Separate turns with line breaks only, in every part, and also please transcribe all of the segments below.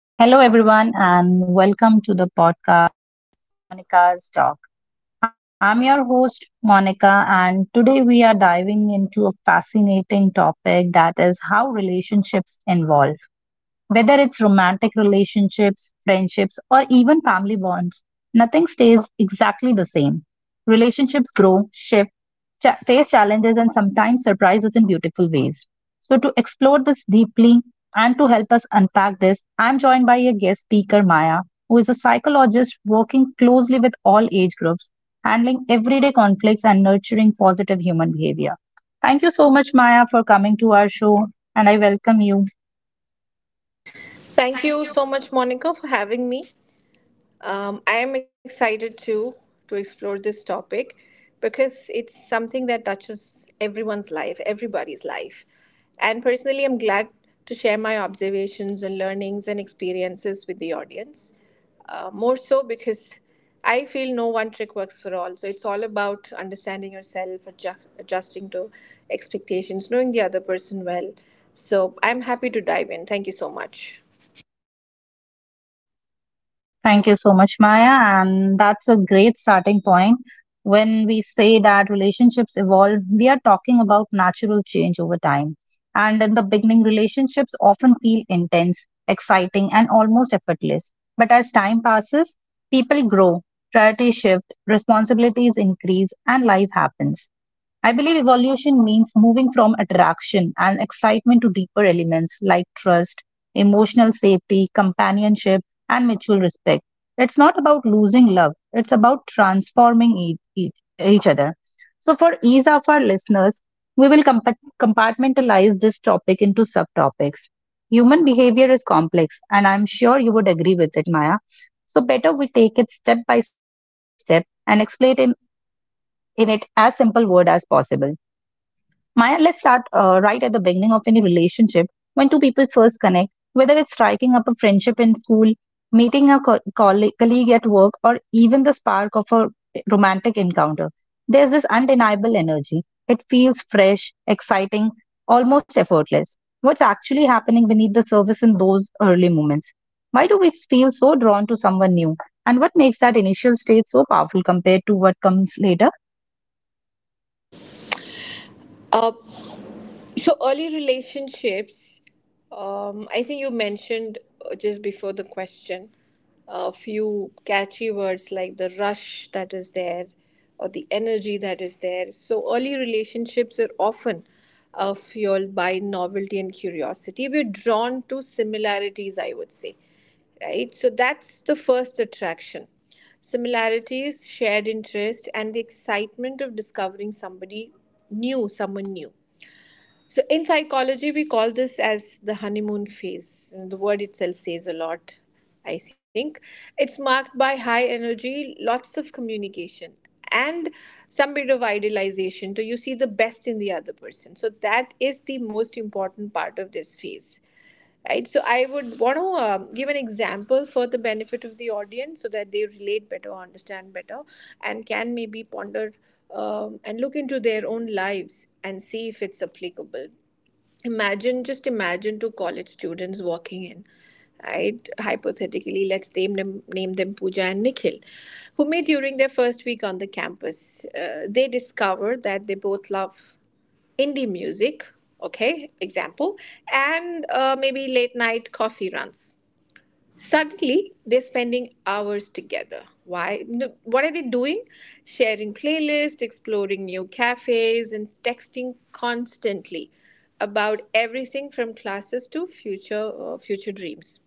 So, hello everyone, and welcome to the podcast Monica's Talk. I'm your host, Monica, and today we are diving into a fascinating topic that is how relationships evolve. Whether it's romantic relationships, friendships, or even family bonds, nothing stays exactly the same. Relationships grow, shift, face challenges and sometimes surprises in beautiful ways. So, to explore this deeply and to help us unpack this, I'm joined by a guest speaker, Maya, who is a psychologist working closely with all age groups, handling everyday conflicts and nurturing positive human behavior. Thank you so much, Maya, for coming to our show, and I welcome you.
Thank you so much, Monica, for having me. I am excited to explore this topic because it's something that touches everyone's life, everybody's. And personally, I'm glad to share my observations and learnings and experiences with the audience. More so because I feel no one trick works for all. So it's all about understanding yourself, adjusting to expectations, knowing the other person well. So I'm happy to dive in. Thank you so much.
Thank you so much, Maya. And that's a great starting point. When we say that relationships evolve, we are talking about natural change over time. And in the beginning, relationships often feel intense, exciting, and almost effortless. But as time passes, people grow, priorities shift, responsibilities increase, and life happens. I believe evolution means moving from attraction and excitement to deeper elements like trust, emotional safety, companionship, and mutual respect. It's not about losing love, it's about transforming each other. So, for ease of our listeners, we will compartmentalize this topic into subtopics. Human behavior is complex, and I'm sure you would agree with it, Maya. So, better we take it step by step and explain it in it as simple word as possible. Maya, let's start right at the beginning of any relationship. When two people first connect, whether it's striking up a friendship in school, meeting a colleague at work, or even the spark of a romantic encounter, there's this undeniable energy. It feels fresh, exciting, almost effortless. What's actually happening beneath the surface in those early moments? Why do we feel so drawn to someone new? And what makes that initial stage so powerful compared to what comes later?
Uh, So early relationships, I think you mentioned just before the question a few catchy words like the rush that is there or the energy that is there. So early relationships are often fueled by novelty and curiosity. We're drawn to similarities, I would say, right? So that's the first attraction. Similarities, shared interest, and the excitement of discovering somebody new, someone new. So in psychology, we call this as the honeymoon phase. The word itself says a lot, I think. It's marked by high energy, lots of communication, and some bit of idealization. So you see the best in other person. So that is the most important part of this phase. Right, so I would want to give an example for the benefit of the audience so that they relate better, understand better, and can maybe ponder and look into their own lives and see if it's applicable. Imagine, just imagine two college students walking in. Right? Hypothetically, name them Pooja and Nikhil, who met during their first week on the campus. They discover that they both love indie music, okay, example, and maybe late night coffee runs. Suddenly, they're spending hours together. Why? No, What are they doing? Sharing playlists, exploring new cafes, and texting constantly about everything from classes to future dreams.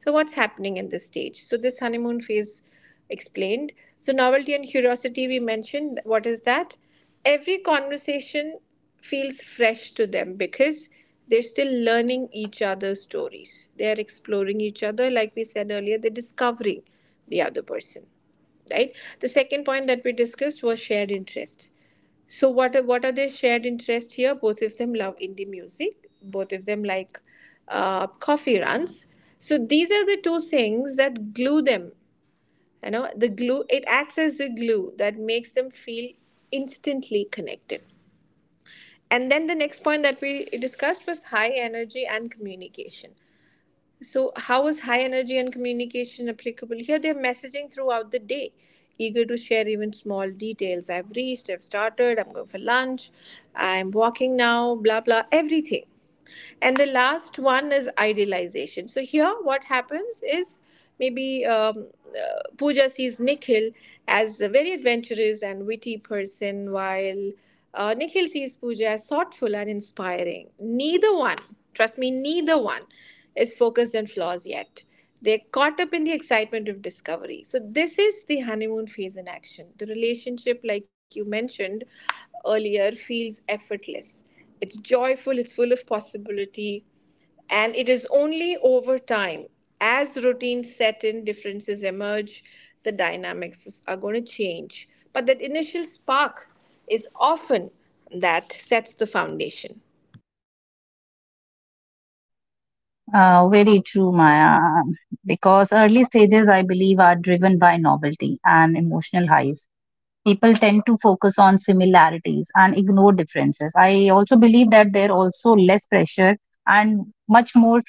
So what's happening in this stage? So this honeymoon phase explained. So, novelty and curiosity, we mentioned. What is that? Every conversation feels fresh to them because they're still learning each other's stories. They are exploring each other, like we said earlier, they're discovering the other person. Right, the second point that we discussed was shared interest. So what are their shared interest here? Both of them love indie music, both of them like coffee runs. So these are the two things that glue them, you know, the glue, it acts as the glue that makes them feel instantly connected. And then the next point that we discussed was high energy and communication. So how is high energy and communication applicable? Here, they're messaging throughout the day, eager to share even small details. I've reached, I've started, I'm going for lunch, I'm walking now, blah, blah, everything. And the last one is idealization. So here, what happens is maybe Pooja sees Nikhil as a very adventurous and witty person, while Nikhil sees puja as thoughtful and inspiring. Neither one, trust me, neither one is focused on flaws yet. They're caught up in the excitement of discovery. So this is the honeymoon phase in action. The relationship, like you mentioned earlier, feels effortless. It's joyful, it's full of possibility, and it is only over time, as routines set in, differences emerge, the are going to change. But that initial spark is often that sets the foundation.
Very true, Maya. Because early stages, I believe, are driven by novelty and emotional highs. People tend to focus on similarities and ignore differences. I also believe that there are also less pressure and much more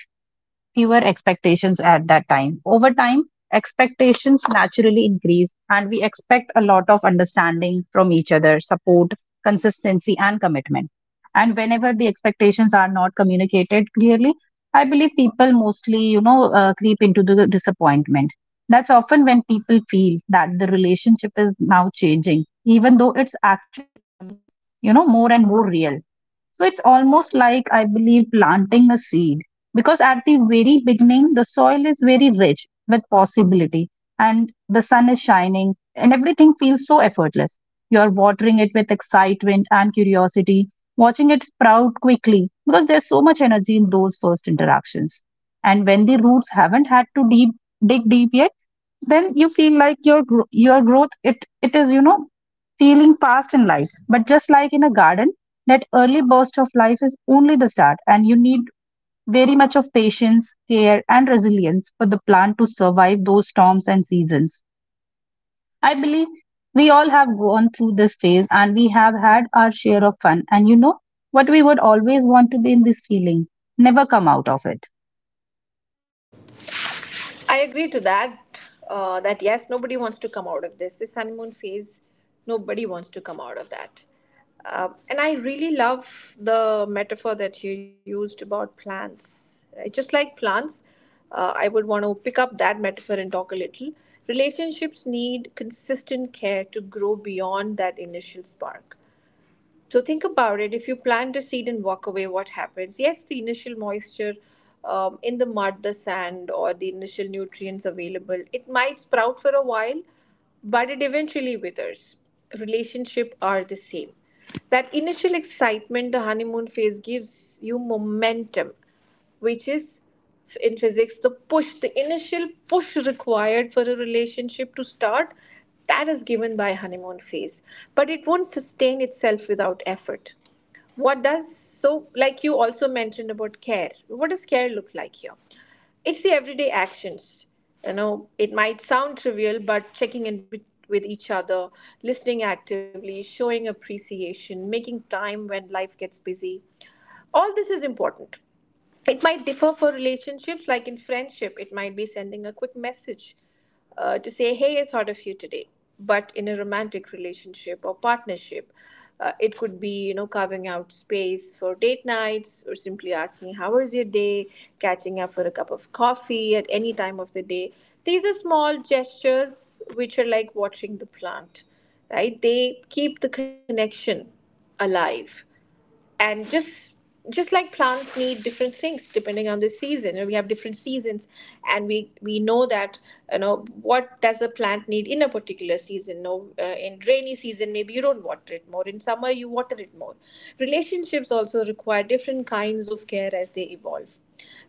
fewer expectations at that time. Over time, expectations naturally increase, and we expect a lot of understanding from each other, support, consistency, and commitment. And whenever the expectations are not communicated clearly, I believe people mostly, creep into the disappointment. That's often when people feel that the relationship is now changing, even though it's more and more real. So it's almost like I believe planting a seed. Because at the very beginning, the soil is very rich with possibility, and the sun is shining and everything feels so effortless. You are watering it with excitement and curiosity, watching it sprout quickly because there's so much energy in those first interactions. And when the roots haven't had to deep dig deep yet, then you feel like your growth it is feeling past in life. But just like in a garden, that early burst of life is only the start, and you need very much of patience, care, and resilience for the plant to survive those storms and seasons. I believe we all have gone through this phase and we have had our share of fun. And you know what we would always want to be in this feeling? Never come out of it.
I agree to that. That yes, nobody wants to come out of this. This honeymoon phase, nobody wants to come out of that. And I really love the metaphor that you used about plants. I just like plants. I would want to pick up that metaphor and talk a little. Relationships need consistent care to grow beyond that initial spark. So think about it. If you plant a seed and walk away, what happens? Yes, the initial moisture in the mud, the sand, or the initial nutrients available, it might sprout for a while, but it eventually withers. Relationship are the same. That initial excitement, the honeymoon phase, gives you momentum, which is in physics the push, the initial push required for a relationship to start, that is given by honeymoon phase. But it won't sustain itself without effort. What does so, like you also mentioned about care, what does care look like here? It's the everyday actions. You know, it might sound trivial, but checking in with each other, listening actively, showing appreciation, making time when life gets busy. All this is important. It might differ for relationships, like in friendship, it might be sending a quick message to say, hey, I thought of you today. But in a romantic relationship or partnership, it could be, you know, carving out space for date nights or simply asking how was your day, catching up for a cup of coffee at any time of the day. These are small gestures which are like watering the plant, right? They keep the connection alive. And just like plants need different things depending on the season, and we have seasons, and we know that, you know, what does a plant need in a particular season? No In rainy season maybe you don't water it more, in summer you water it more. Relationships also require different kinds of care as they evolve.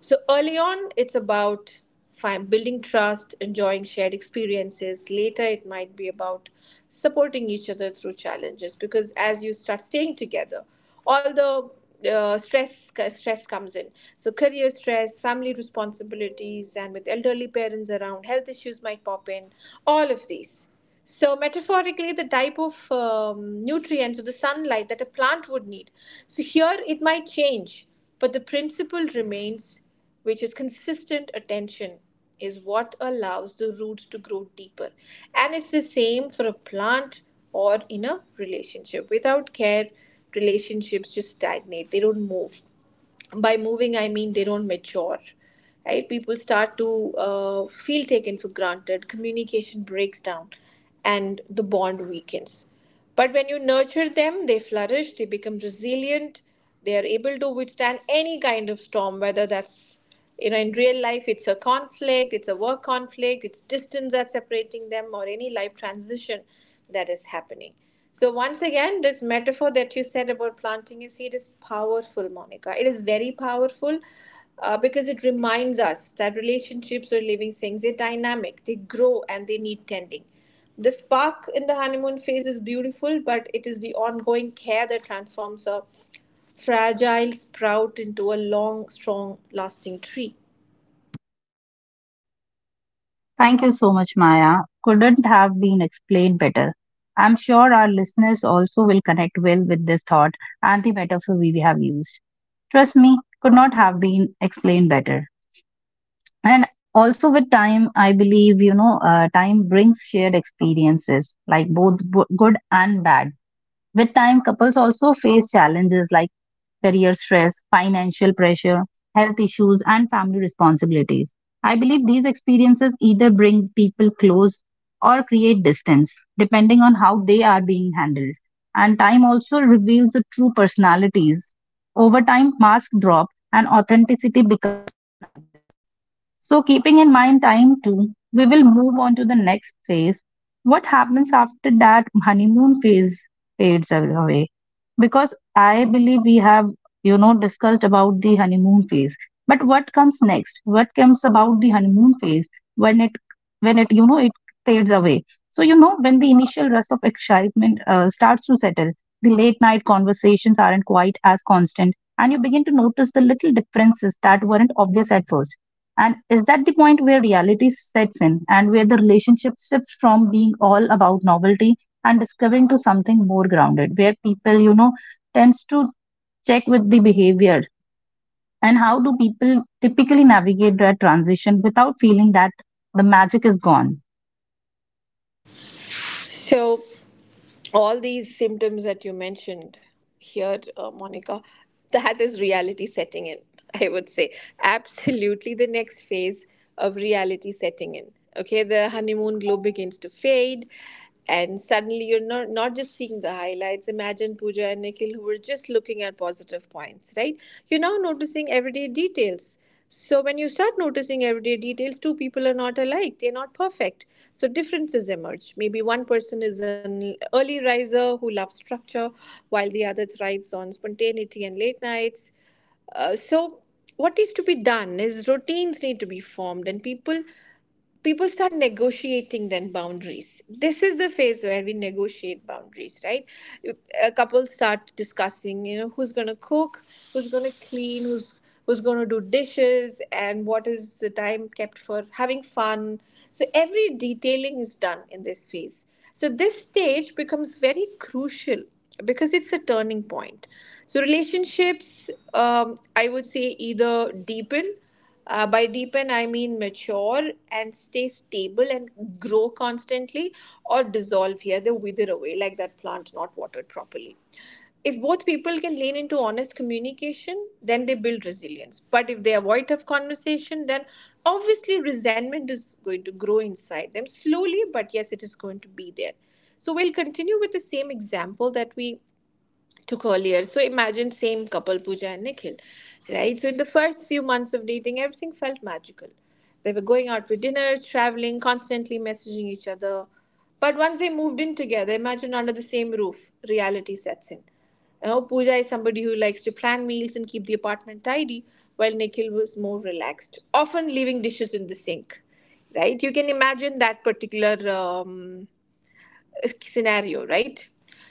So early on it's about building trust, enjoying shared experiences. Later, it might be about supporting each other through challenges, because as you start staying together, all the stress comes in. So career stress, family responsibilities, and with elderly parents around, health issues might pop in. All of these. So metaphorically, the type of nutrients or the sunlight that a plant would need. So here it might change, but the principle remains, which is consistent attention is what allows the roots to grow deeper. And it's the same for a plant or in a relationship. Without care, relationships just stagnate, they don't move. By moving I mean they don't mature, right? People start to feel taken for granted, communication breaks down, and the bond weakens. But when you nurture them, they flourish, they become resilient, they are able to withstand any kind of storm, whether that's, you know, in real life, it's a conflict, it's a work conflict, it's distance that's separating them, or any life transition that is happening. So, once again, this metaphor that you said about planting a seed is powerful, Monica. It is very powerful because it reminds us that relationships or living things, they're dynamic, they grow, and they need tending. The spark in the honeymoon phase is beautiful, but it is the ongoing care that transforms a fragile sprout into a long, strong, lasting tree.
Thank you so much, Maya. Couldn't have been explained better. I'm sure our listeners also will connect well with this thought and the metaphor we have used. Trust me, could not have been explained better. And also with time, I believe, time brings shared experiences like both good and bad. With time, couples also face challenges like career stress, financial pressure, health issues, and family responsibilities. I believe these experiences either bring people close or create distance, depending on how they are being handled. And time also reveals the true personalities. Over time, masks drop and authenticity. So, keeping in mind time too, we will move on to the next phase. What happens after that honeymoon phase fades away? Because I believe we have, discussed about the honeymoon phase. But what comes next? What comes about the honeymoon phase when it, when it fades away? So, when the initial rush of excitement starts to settle, the late night conversations aren't quite as constant, and you begin to notice the little differences that weren't obvious at first. And is that the point where reality sets in and where the relationship shifts from being all about novelty and discovering to something more grounded, where people, tends to check with the behavior? And how do people typically navigate that transition without feeling that the magic is gone?
So, all these symptoms that you mentioned here, Monica, that is reality setting in, I would say. Absolutely the next phase of reality setting in. Okay, the honeymoon glow begins to fade, and suddenly you're not just seeing the highlights. Imagine Pooja and Nikhil who were just looking at positive points, right? You're now noticing everyday details. So when you start noticing everyday details, two people are not alike. They're not perfect. So differences emerge. Maybe one person is an early riser who loves structure, while the other thrives on spontaneity and late nights. So what needs to be done is routines need to be formed, and people start negotiating then boundaries. This is the phase where we negotiate boundaries, right? A couple start discussing, you know, who's going to cook, who's going to clean, who's going to do dishes, and what is the time kept for having fun. So every detailing is done in this phase. So this stage becomes very crucial because it's a turning point. So relationships, I would say, either deepen, by deepen I mean mature and stay stable and grow constantly, or dissolve here, they wither away like that plant not watered properly. If both people can lean into honest communication, then they build resilience. But if they avoid tough conversation, then obviously resentment is going to grow inside them slowly, but yes, it is going to be there. So we'll continue with the same example that we took earlier. So imagine same couple Pooja and Nikhil, right? So in the first few months of dating, everything felt magical. They were going out for dinners, traveling, constantly messaging each other. But once they moved in together, imagine under the same roof, reality sets in. You know, Pooja is somebody who likes to plan meals and keep the apartment tidy, while Nikhil was more relaxed, often leaving dishes in the sink. Right? You can imagine that particular. Scenario, right?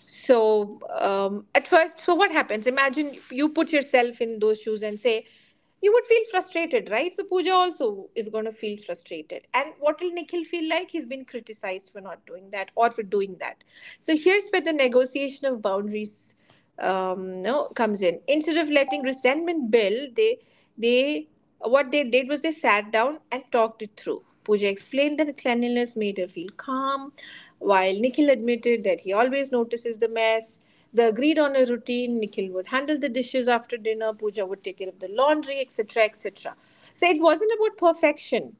So, at first, so what happens? Imagine you put yourself in those shoes and say, you would feel frustrated, right? So, Pooja also is going to feel frustrated. And what will Nikhil feel like? He's been criticized for not doing that or for doing that. So, here's where the negotiation of boundaries no, comes in. Instead of letting resentment build, they what they did was they sat down and talked it through. Pooja explained that cleanliness made her feel calm, while Nikhil admitted that he always notices the mess. They agreed on a routine. Nikhil would handle the dishes after dinner. Pooja would take care of the laundry, etc., etc. So it wasn't about perfection,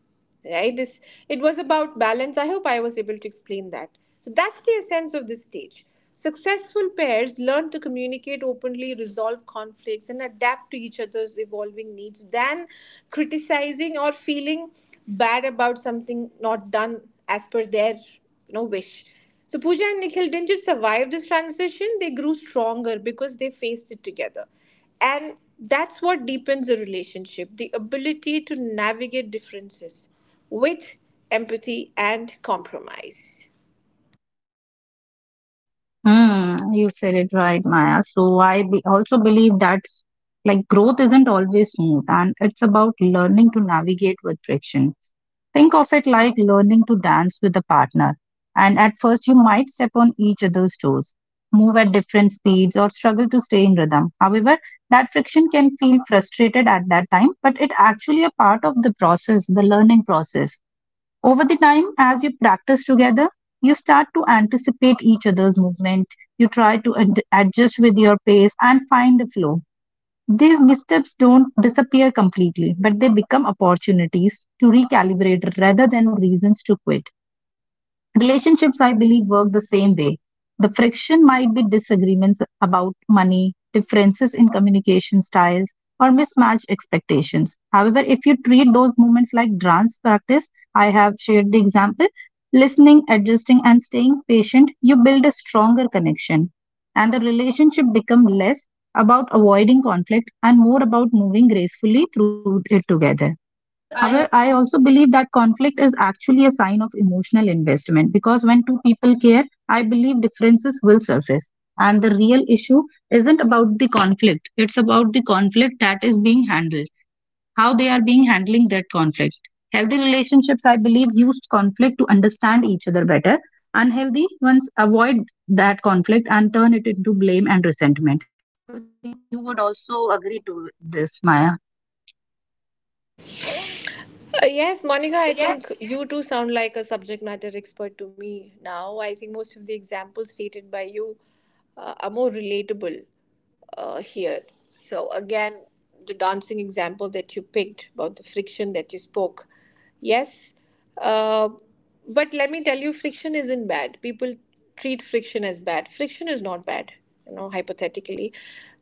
right this it was about balance. I hope I was able to explain that. So that's the essence of this stage. Successful pairs learn to communicate openly, resolve conflicts, and adapt to each other's evolving needs than criticizing or feeling bad about something not done as per their wish. So Pooja and Nikhil didn't just survive this transition, they grew stronger because they faced it together. And that's what deepens a relationship: the ability to navigate differences with empathy and compromise.
Hmm, you said it right, Maya. So I also believe that like growth isn't always smooth and it's about learning to navigate with friction. Think of it like learning to dance with a partner. And at first, you might step on each other's toes, move at different speeds, or struggle to stay in rhythm. However, that friction can feel frustrated at that time, but it actually a part of the process, the learning process. Over the time, as you practice together, you start to anticipate each other's movement. You try to adjust with your pace and find a flow. These missteps don't disappear completely, but they become opportunities to recalibrate rather than reasons to quit. Relationships, I believe, work the same way. The friction might be disagreements about money, differences in communication styles, or mismatched expectations. However, if you treat those moments like dance practice, I have shared the example, listening, adjusting, and staying patient, you build a stronger connection. And the relationship becomes less about avoiding conflict and more about moving gracefully through it together.
However,
However,
I—
I also believe that conflict is actually a sign of emotional investment because when two people care, I believe differences will surface. And the real issue isn't about the conflict, it's about the conflict that is being handled, how they are being handling that conflict. Healthy relationships, I believe, use conflict to understand each other better. Unhealthy ones avoid that conflict and turn it into blame and resentment. You would also agree to this, Maya.
Yes, Monica, I think you too sound like a subject matter expert to me now. I think most of the examples stated by you are more relatable here. So, again, the dancing example that you picked about the friction that you spoke, yes. Uh, But let me tell you, friction isn't bad. People treat friction as bad. Friction is not bad, you know, hypothetically,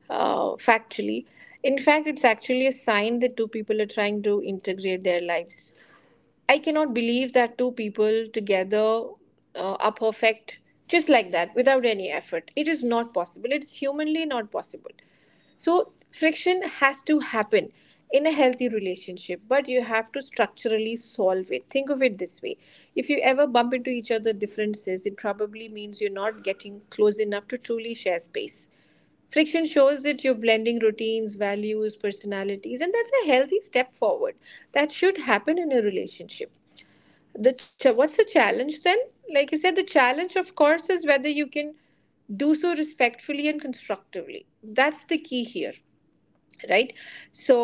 factually. In fact, it's actually a sign that two people are trying to integrate their lives. I cannot believe that two people together are perfect just like that without any effort. It is not possible. It's humanly not possible. So friction has to happen in a healthy relationship, but you have to structurally solve it. Think of it this way. If you ever bump into each other differences, it probably means you're not getting close enough to truly share space. Friction shows that you're blending routines, values, personalities, and that's a healthy step forward. That should happen in a relationship. What's the challenge then? Like you said, the challenge, of course, is whether you can do so respectfully and constructively. That's the key here, right? So,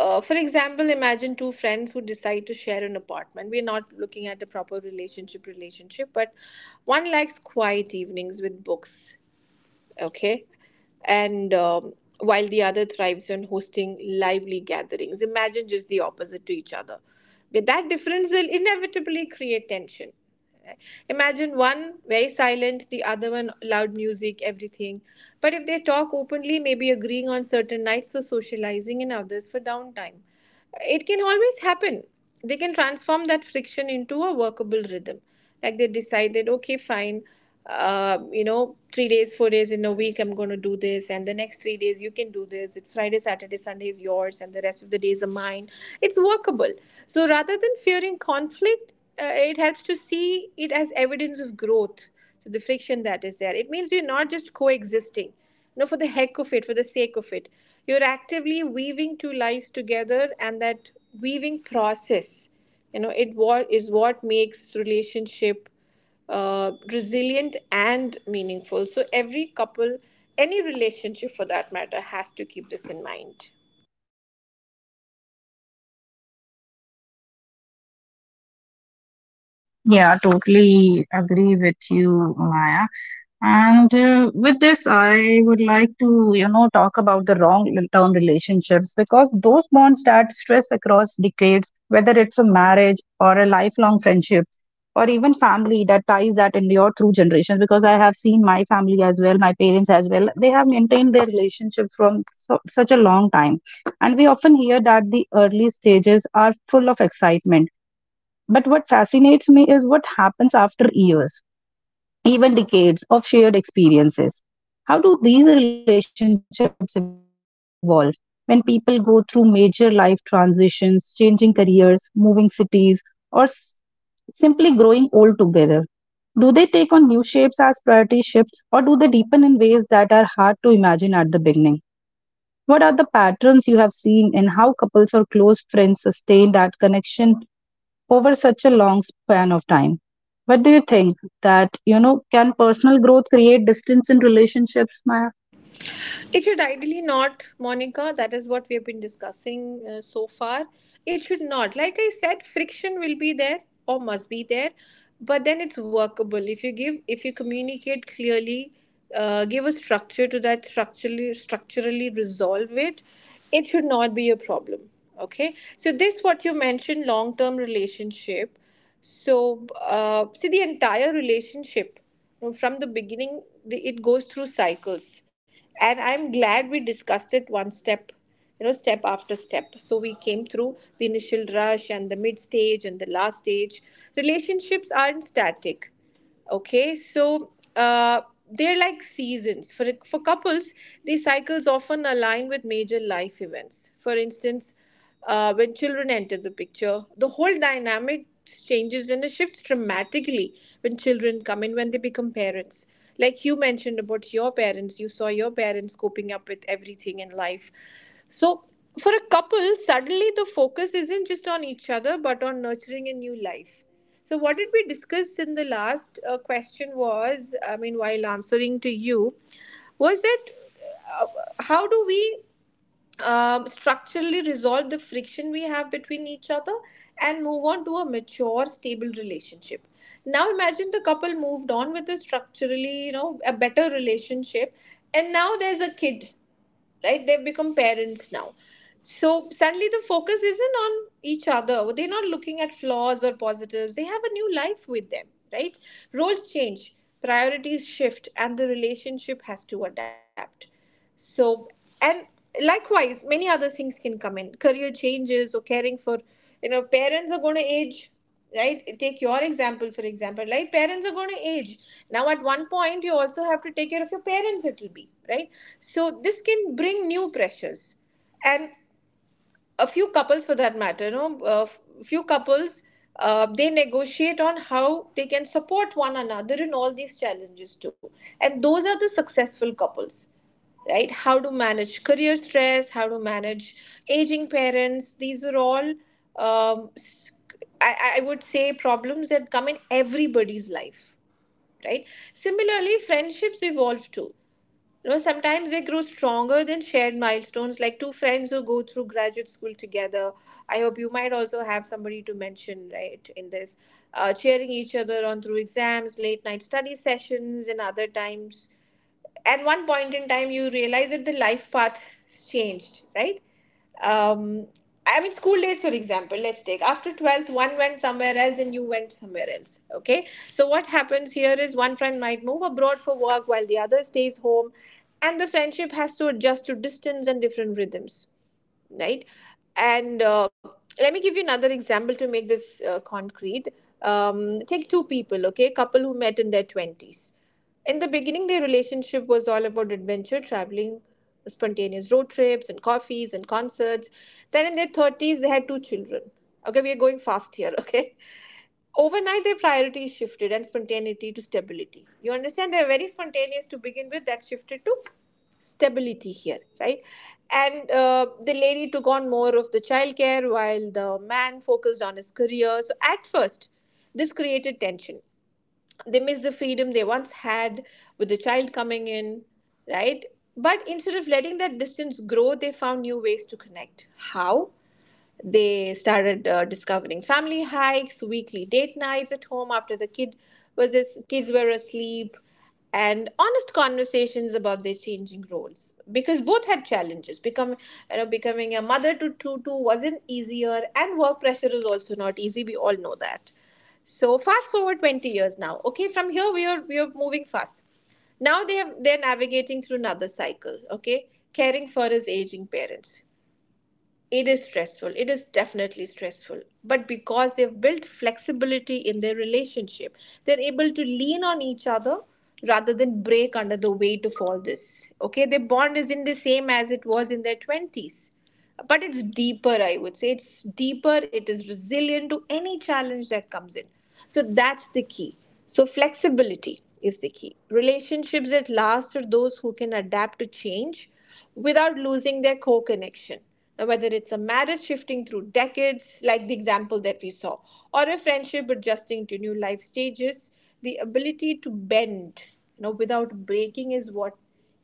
for example, imagine two friends who decide to share an apartment. We're not looking at a proper relationship, but one likes quiet evenings with books, okay, and while the other thrives on hosting lively gatherings. Imagine just the opposite to each other. But that difference will inevitably create tension. Imagine one very silent, the other one loud music, everything. But if they talk openly, maybe agreeing on certain nights for socializing and others for downtime, it can always happen. They can transform that friction into a workable rhythm. Like they decided, okay, fine, you know, 3 days, 4 days in a week, I'm going to do this. And the next 3 days, you can do this. It's Friday, Saturday, Sunday is yours, and the rest of the days are mine. It's workable. So rather than fearing conflict, it helps to see it as evidence of growth. So the friction that is there, it means you're not just coexisting, you know, for the heck of it, for the sake of it. You're actively weaving two lives together, and that weaving process, you know, it what is what makes relationship resilient and meaningful. So, every couple, any relationship for that matter, has to keep this in mind.
Yeah, totally agree with you, Maya. And with this, I would like to, talk about the long term relationships because those bonds that stress across decades, whether it's a marriage or a lifelong friendship or even family that ties that endure through generations. Because I have seen my family as well, my parents as well, they have maintained their relationship from so, such a long time. And we often hear that the early stages are full of excitement, but what fascinates me is what happens after years, even decades of shared experiences. How do these relationships evolve when people go through major life transitions, changing careers, moving cities, or simply growing old together? Do they take on new shapes as priority shifts, or do they deepen in ways that are hard to imagine at the beginning? What are the patterns you have seen in how couples or close friends sustain that connection over such a long span of time? What do you think that, can personal growth create distance in relationships, Maya?
It should ideally not, Monica. That is what we have been discussing so far. It should not. Like I said, friction will be there or must be there, but then it's workable. If you give, if you communicate clearly, give a structure to that, structurally, structurally resolve it. It should not be a problem. Okay. So this, what you mentioned, long-term relationship. So see the entire relationship, you know, from the beginning. The, it goes through cycles, and I'm glad we discussed it one step, you know, step after step. So came through the initial rush and the mid stage and the last stage. Relationships aren't static. Okay, so they're like seasons. For couples, these cycles often align with major life events. For instance, when children enter the picture, the whole dynamic changes and it shifts dramatically when children come in, when they become parents. Like you mentioned about your parents, you saw your parents coping up with everything in life. So, for a couple, suddenly the focus isn't just on each other but on nurturing a new life. So, what did we discuss in the last question was, I mean, while answering to you, was that uh, how do we structurally resolve the friction we have between each other and move on to a mature, stable relationship? Now, imagine the couple moved on with a structurally, you know, a better relationship, and now there's a kid, right? They have become parents now. So suddenly the focus isn't on each other, they're not looking at flaws or positives, they have a new life with them, right? Roles change, priorities shift, and the relationship has to adapt. So, and likewise, many other things can come in: career changes or caring for, you know, parents are going to age. Right, take your example, for example, right? Parents are going to age. Now at one point you also have to take care of your parents, it will be, right? So this can bring new pressures. And a few couples for that matter, no a few couples, they negotiate on how they can support one another in all these challenges too. And those are the successful couples, right? How to manage career stress, how to manage aging parents, these are all um, s- I would say problems that come in everybody's life, right? Similarly, friendships evolve too. You know, sometimes they grow stronger than shared milestones, like two friends who go through graduate school together. I hope you might also have somebody to mention, right, in this, cheering each other on through exams, late night study sessions, and other times. At one point in time, you realize that the life path changed, right? um I mean, school days, for example, let's take after 12th, one went somewhere else and you went somewhere else, okay? So, what happens here is one friend might move abroad for work while the other stays home, and the friendship has to adjust to distance and different rhythms, right? And let me give you another example to make this concrete. Take two people, okay, couple who met in their 20s. In the beginning, their relationship was all about adventure, traveling, spontaneous road trips, and coffees and concerts. Then in their 30s, they had two children. Okay, we are going fast here, okay? Overnight, their priorities shifted and spontaneity to stability. You understand? They're very spontaneous to begin with, that shifted to stability here, right? And the lady took on more of the childcare while the man focused on his career. So at first, this created tension. They missed the freedom they once had with the child coming in, right? But instead of letting that distance grow, they found new ways to connect. How? They started discovering family hikes, weekly date nights at home after the kids were asleep, and honest conversations about their changing roles, because both had challenges. Become You know, becoming a mother to two wasn't easier, and work pressure is also not easy. We all know that. So fast forward 20 years now. Okay, from here we are moving fast. Now they're navigating through another cycle, okay? Caring for his aging parents. It is stressful. It is definitely stressful. But because they've built flexibility in their relationship, they're able to lean on each other rather than break under the weight of all this. Okay, their bond isn't the same as it was in their 20s. But it's deeper, I would say. It's deeper, it is resilient to any challenge that comes in. So that's the key. So, flexibility is the key. Relationships that last are those who can adapt to change without losing their core connection. Whether it's a marriage shifting through decades, like the example that we saw, or a friendship adjusting to new life stages, the ability to bend, you know, without breaking is what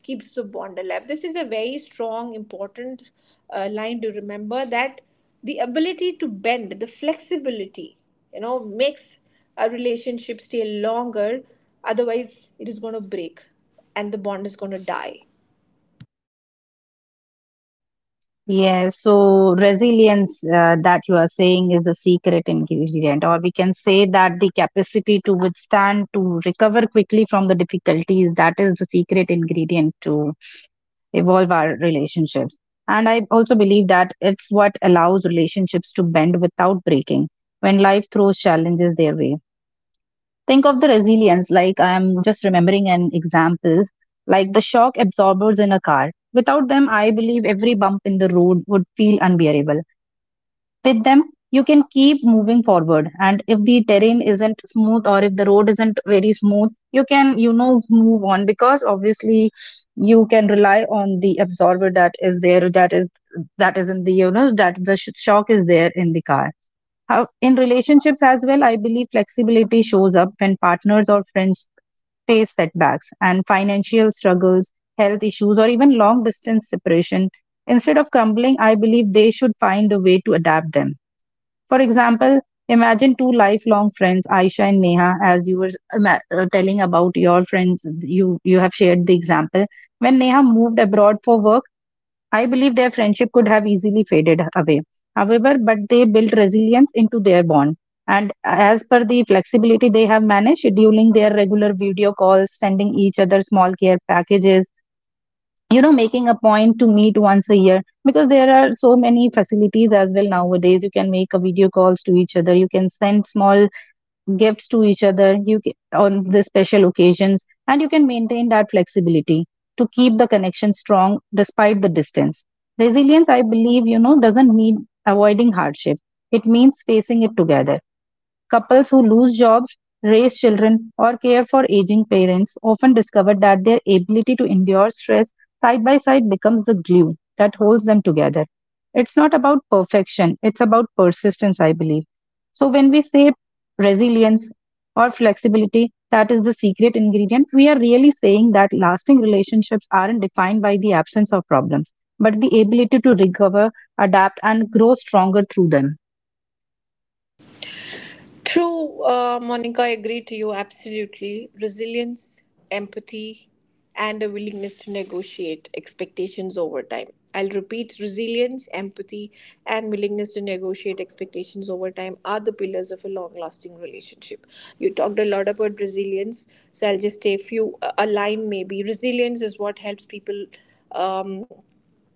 keeps the bond alive. This is a very strong, important line to remember, that the ability to bend, the flexibility, you know, makes a relationship stay longer. Otherwise, it is going to break and the bond is going to die.
Yeah, so resilience that you are saying is a secret ingredient, or we can say that the capacity to withstand, to recover quickly from the difficulties, that is the secret ingredient to evolve our relationships. And I also believe that it's what allows relationships to bend without breaking when life throws challenges their way. Think of the resilience, like I'm just remembering an example, like the shock absorbers in a car. Without them, I believe every bump in the road would feel unbearable. With them, you can keep moving forward. And if the terrain isn't smooth or if the road isn't very smooth, you can, move on because obviously you can rely on the absorber that is there, that is in the, that the shock is there in the car. How, in relationships as well, I believe flexibility shows up when partners or friends face setbacks and financial struggles, health issues, or even long distance separation. Instead of crumbling, I believe they should find a way to adapt them. For example, imagine two lifelong friends, Aisha and Neha, as you were telling about your friends, you have shared the example. When Neha moved abroad for work, I believe their friendship could have easily faded away. However, but they built resilience into their bond. And as per the flexibility they have managed, scheduling their regular video calls, sending each other small care packages, making a point to meet once a year. Because there are so many facilities as well nowadays. You can make a video calls to each other. You can send small gifts to each other on the special occasions, and you can maintain that flexibility to keep the connection strong despite the distance. Resilience, I believe, doesn't mean avoiding hardship. It means facing it together. Couples who lose jobs, raise children, or care for aging parents often discover that their ability to endure stress side by side becomes the glue that holds them together. It's not about perfection, it's about persistence, I believe. So, when we say resilience or flexibility, that is the secret ingredient, we are really saying that lasting relationships aren't defined by the absence of problems, but the ability to recover, adapt, and grow stronger through them.
True, Monica, I agree to you absolutely. Resilience, empathy, and a willingness to negotiate expectations over time. I'll repeat: resilience, empathy, and willingness to negotiate expectations over time are the pillars of a long lasting relationship. You talked a lot about resilience, so I'll just say a line maybe. Resilience is what helps people Um,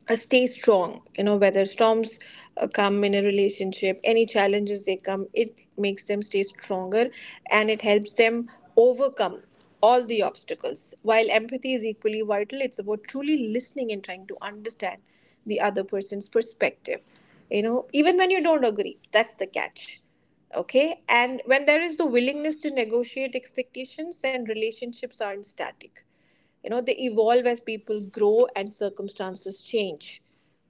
stay strong, you know, whether storms come in a relationship. Any challenges they come, it makes them stay stronger and it helps them overcome all the obstacles. While empathy is equally vital, it's about truly listening and trying to understand the other person's perspective, you know, even when you don't agree. That's the catch. Okay, and when there is the willingness to negotiate expectations, then relationships aren't static, you know, they evolve as people grow and circumstances change,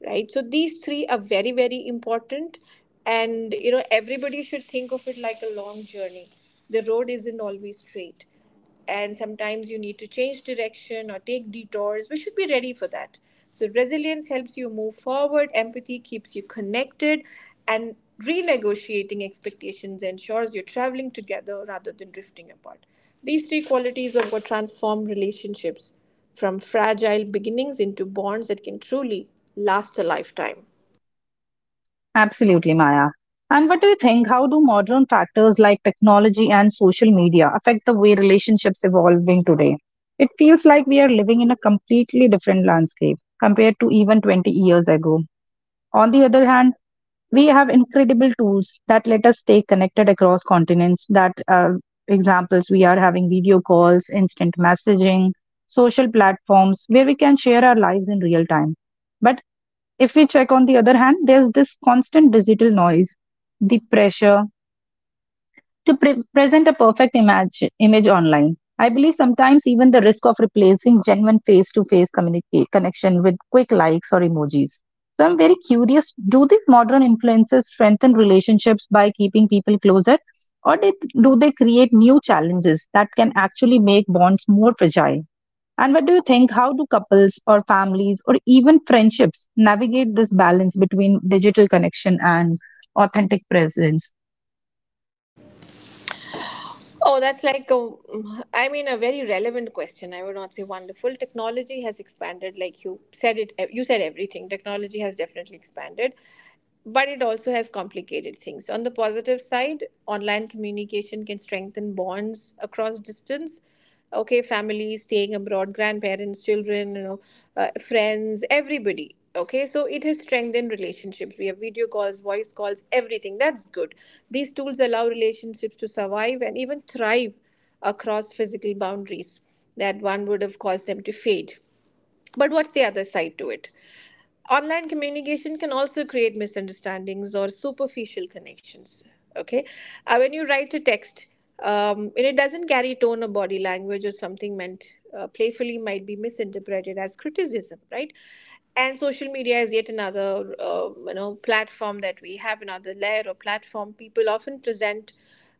right? So these three are very important. And you know, everybody should think of it like a long journey. The road isn't always straight, and sometimes you need to change direction or take detours. We should be ready for that. So resilience helps you move forward, empathy keeps you connected, and renegotiating expectations ensures you're traveling together rather than drifting apart. These three qualities are what transform relationships from fragile beginnings into bonds that can truly last a lifetime.
Absolutely, Maya. And what do you think? How do modern factors like technology and social media affect the way relationships evolving today? It feels like we are living in a completely different landscape compared to even 20 years ago. On the other hand, we have incredible tools that let us stay connected across continents. That, examples, we are having video calls, instant messaging, social platforms where we can share our lives in real time. But if we check on the other hand, there's this constant digital noise, the pressure to present a perfect image, image online. I believe sometimes even the risk of replacing genuine face to face connection with quick likes or emojis. So I'm very curious, do the modern influences strengthen relationships by keeping people closer, or did, do they create new challenges that can actually make bonds more fragile? And what do you think? How do couples or families or even friendships navigate this balance between digital connection and authentic presence?
Oh, that's like a, I mean, a very relevant question. I would not say wonderful. Technology has expanded, like you said it. You said everything. Technology has definitely expanded, but it also has complicated things. On the positive side, online communication can strengthen bonds across distance. Okay, family staying abroad, grandparents, children, you know, friends, everybody. Okay, so it has strengthened relationships. We have video calls, voice calls, everything. That's good. These tools allow relationships to survive and even thrive across physical boundaries that one would have caused them to fade. But what's the other side to it? Online communication can also create misunderstandings or superficial connections. Okay. When you write a text, and it doesn't carry tone or body language, or something meant playfully might be misinterpreted as criticism, right? And social media is yet another, you know, platform that we have, another layer or platform. People often present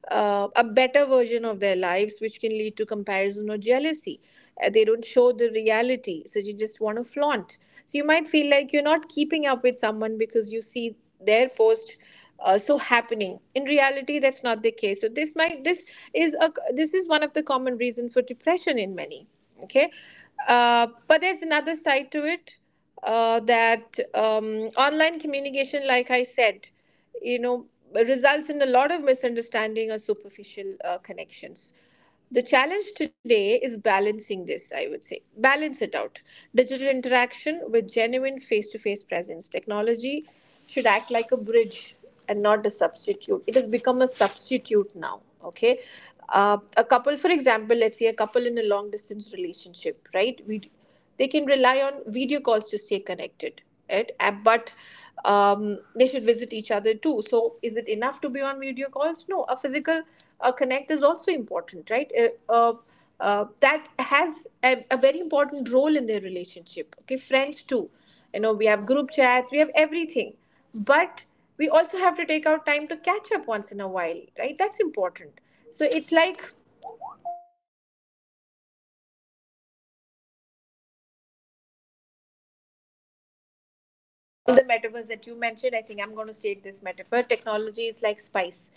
a better version of their lives, which can lead to comparison or jealousy. They don't show the reality. So you just want to flaunt. So you might feel like you're not keeping up with someone because you see their post so happening. In reality, that's not the case. So this is a, this is one of the common reasons for depression in many. Okay, but there's another side to it, that online communication, like I said, you know, results in a lot of misunderstanding or superficial connections. The challenge today is balancing this, I would say balance it out, digital interaction with genuine face-to-face presence. Technology should act like a bridge and not a substitute. It has become a substitute now. Okay, a couple, for example, let's say a couple in a long distance relationship, right? We they can rely on video calls to stay connected, right? But um, they should visit each other too. So is it enough to be on video calls? No, a physical connect is also important, right? Uh, that has a very important role in their relationship. Okay, friends too, you know, we have group chats, we have everything. But we also have to take our time to catch up once in a while, right? That's important. So it's like metaphors that you mentioned. I think I'm going to state this metaphor. Technology is like spice.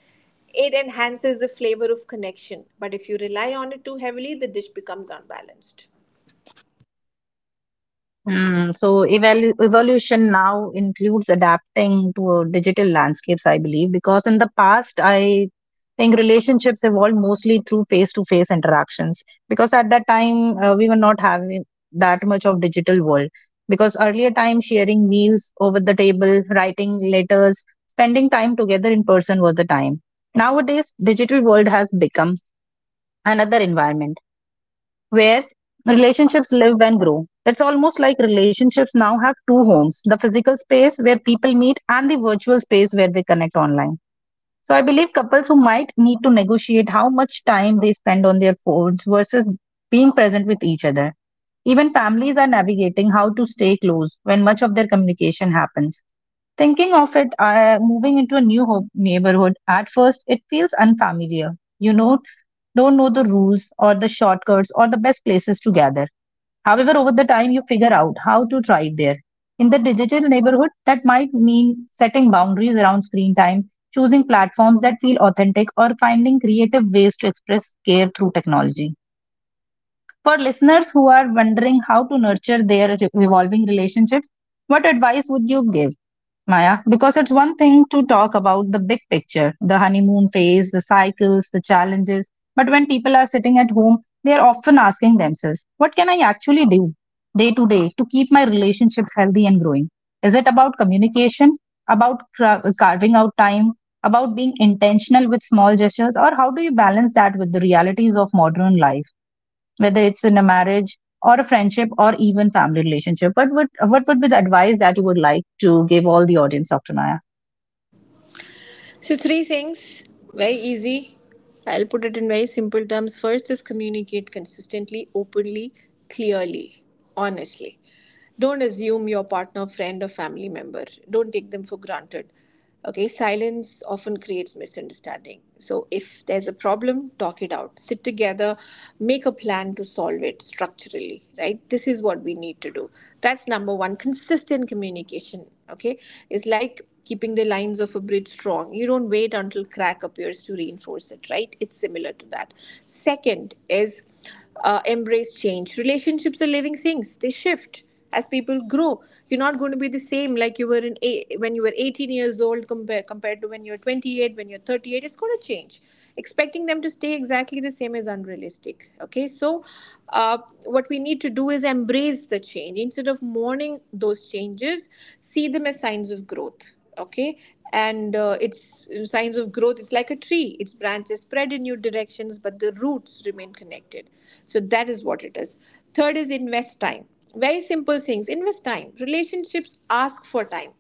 It enhances the flavor of connection, but if you rely on it too heavily, the dish becomes unbalanced.
So evalu evolution now includes adapting to digital landscapes, I believe, because in the past, I think relationships evolved mostly through face-to-face interactions. Because at that time, we were not having that much of digital world. Because earlier time, sharing meals over the table, writing letters, spending time together in person was the time. Nowadays, digital world has become another environment where relationships live and grow. It's almost like relationships now have two homes, the physical space where people meet and the virtual space where they connect online. So I believe couples who might need to negotiate how much time they spend on their phones versus being present with each other. Even families are navigating how to stay close when much of their communication happens. Thinking of it, moving into a new neighborhood, at first it feels unfamiliar. You know, don't know the rules or the shortcuts or the best places to gather. However, over the time, you figure out how to thrive there. In the digital neighborhood, that might mean setting boundaries around screen time, choosing platforms that feel authentic, or finding creative ways to express care through technology. For listeners who are wondering how to nurture their evolving relationships, what advice would you give, Maya? Because it's one thing to talk about the big picture, the honeymoon phase, the cycles, the challenges. But when people are sitting at home, they are often asking themselves, what can I actually do day to day to keep my relationships healthy and growing? Is it about communication, about carving out time, about being intentional with small gestures, or how do you balance that with the realities of modern life, whether it's in a marriage or a friendship or even family relationship? What would be the advice that you would like to give all the audience, Dr. Maya?
So, three things, very easy. I'll put it in very simple terms. First is communicate consistently, openly, clearly, honestly. Don't assume your partner, friend, or family member. Don't take them for granted. Okay, silence often creates misunderstanding. So, if there's a problem, talk it out. Sit together, make a plan to solve it structurally, right? This is what we need to do. That's number one. Consistent communication, okay, is like keeping the lines of a bridge strong. You don't wait until crack appears to reinforce it, right? It's similar to that. Second is, embrace change. Relationships are living things; they shift as people grow. You're not going to be the same like you were in when you were 18 years old compared to when you're 28, when you're 38. It's going to change. Expecting them to stay exactly the same is unrealistic, dramatic. Okay, so uh, what we need to do is embrace the change. Instead of mourning those changes, see them as signs of growth. Okay, and it's signs of growth, it's like a tree, its branches spread in new directions, but the roots remain connected. So that is what it is. Third is invest time. Very simple things, invest time. Relationships ask for time.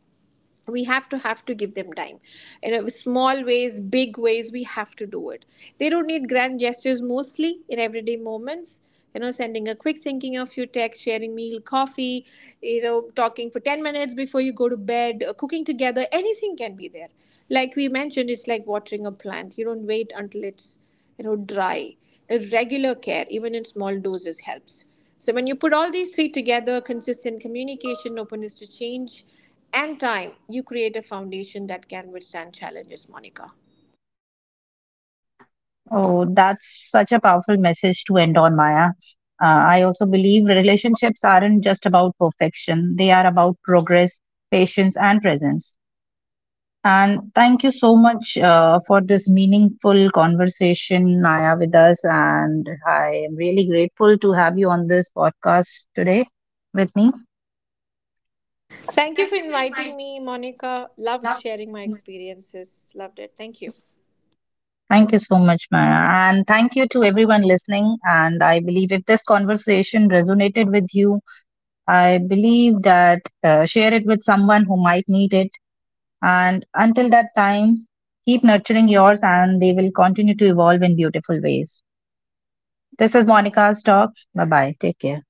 We have to give them time, you know, small ways, big ways, we have to do it. They don't need grand gestures, mostly in everyday moments, you know, sending a quick "thinking of you" text, sharing meal, coffee, you know, talking for 10 minutes before you go to bed, cooking together, anything can be there. Like we mentioned, it's like watering a plant. You don't wait until it's, you know, dry. The regular care, even in small doses, helps. So when you put all these three together, consistent communication, openness to change, and time, you create a foundation that can withstand challenges, Monica.
Oh, that's such a powerful message to end on, Maya. I also believe relationships aren't just about perfection; they are about progress, patience, and presence. And thank you so much for this meaningful conversation, Naya, with us. And I am really grateful to have you on this podcast today with me.
Thank you for inviting me, Monica. Loved sharing my experiences. Loved it. Thank you.
Thank you so much, Maya. And thank you to everyone listening. And I believe if this conversation resonated with you, I believe that share it with someone who might need it. And until that time, keep nurturing yours and they will continue to evolve in beautiful ways. This is Monica's talk. Bye bye. Take care.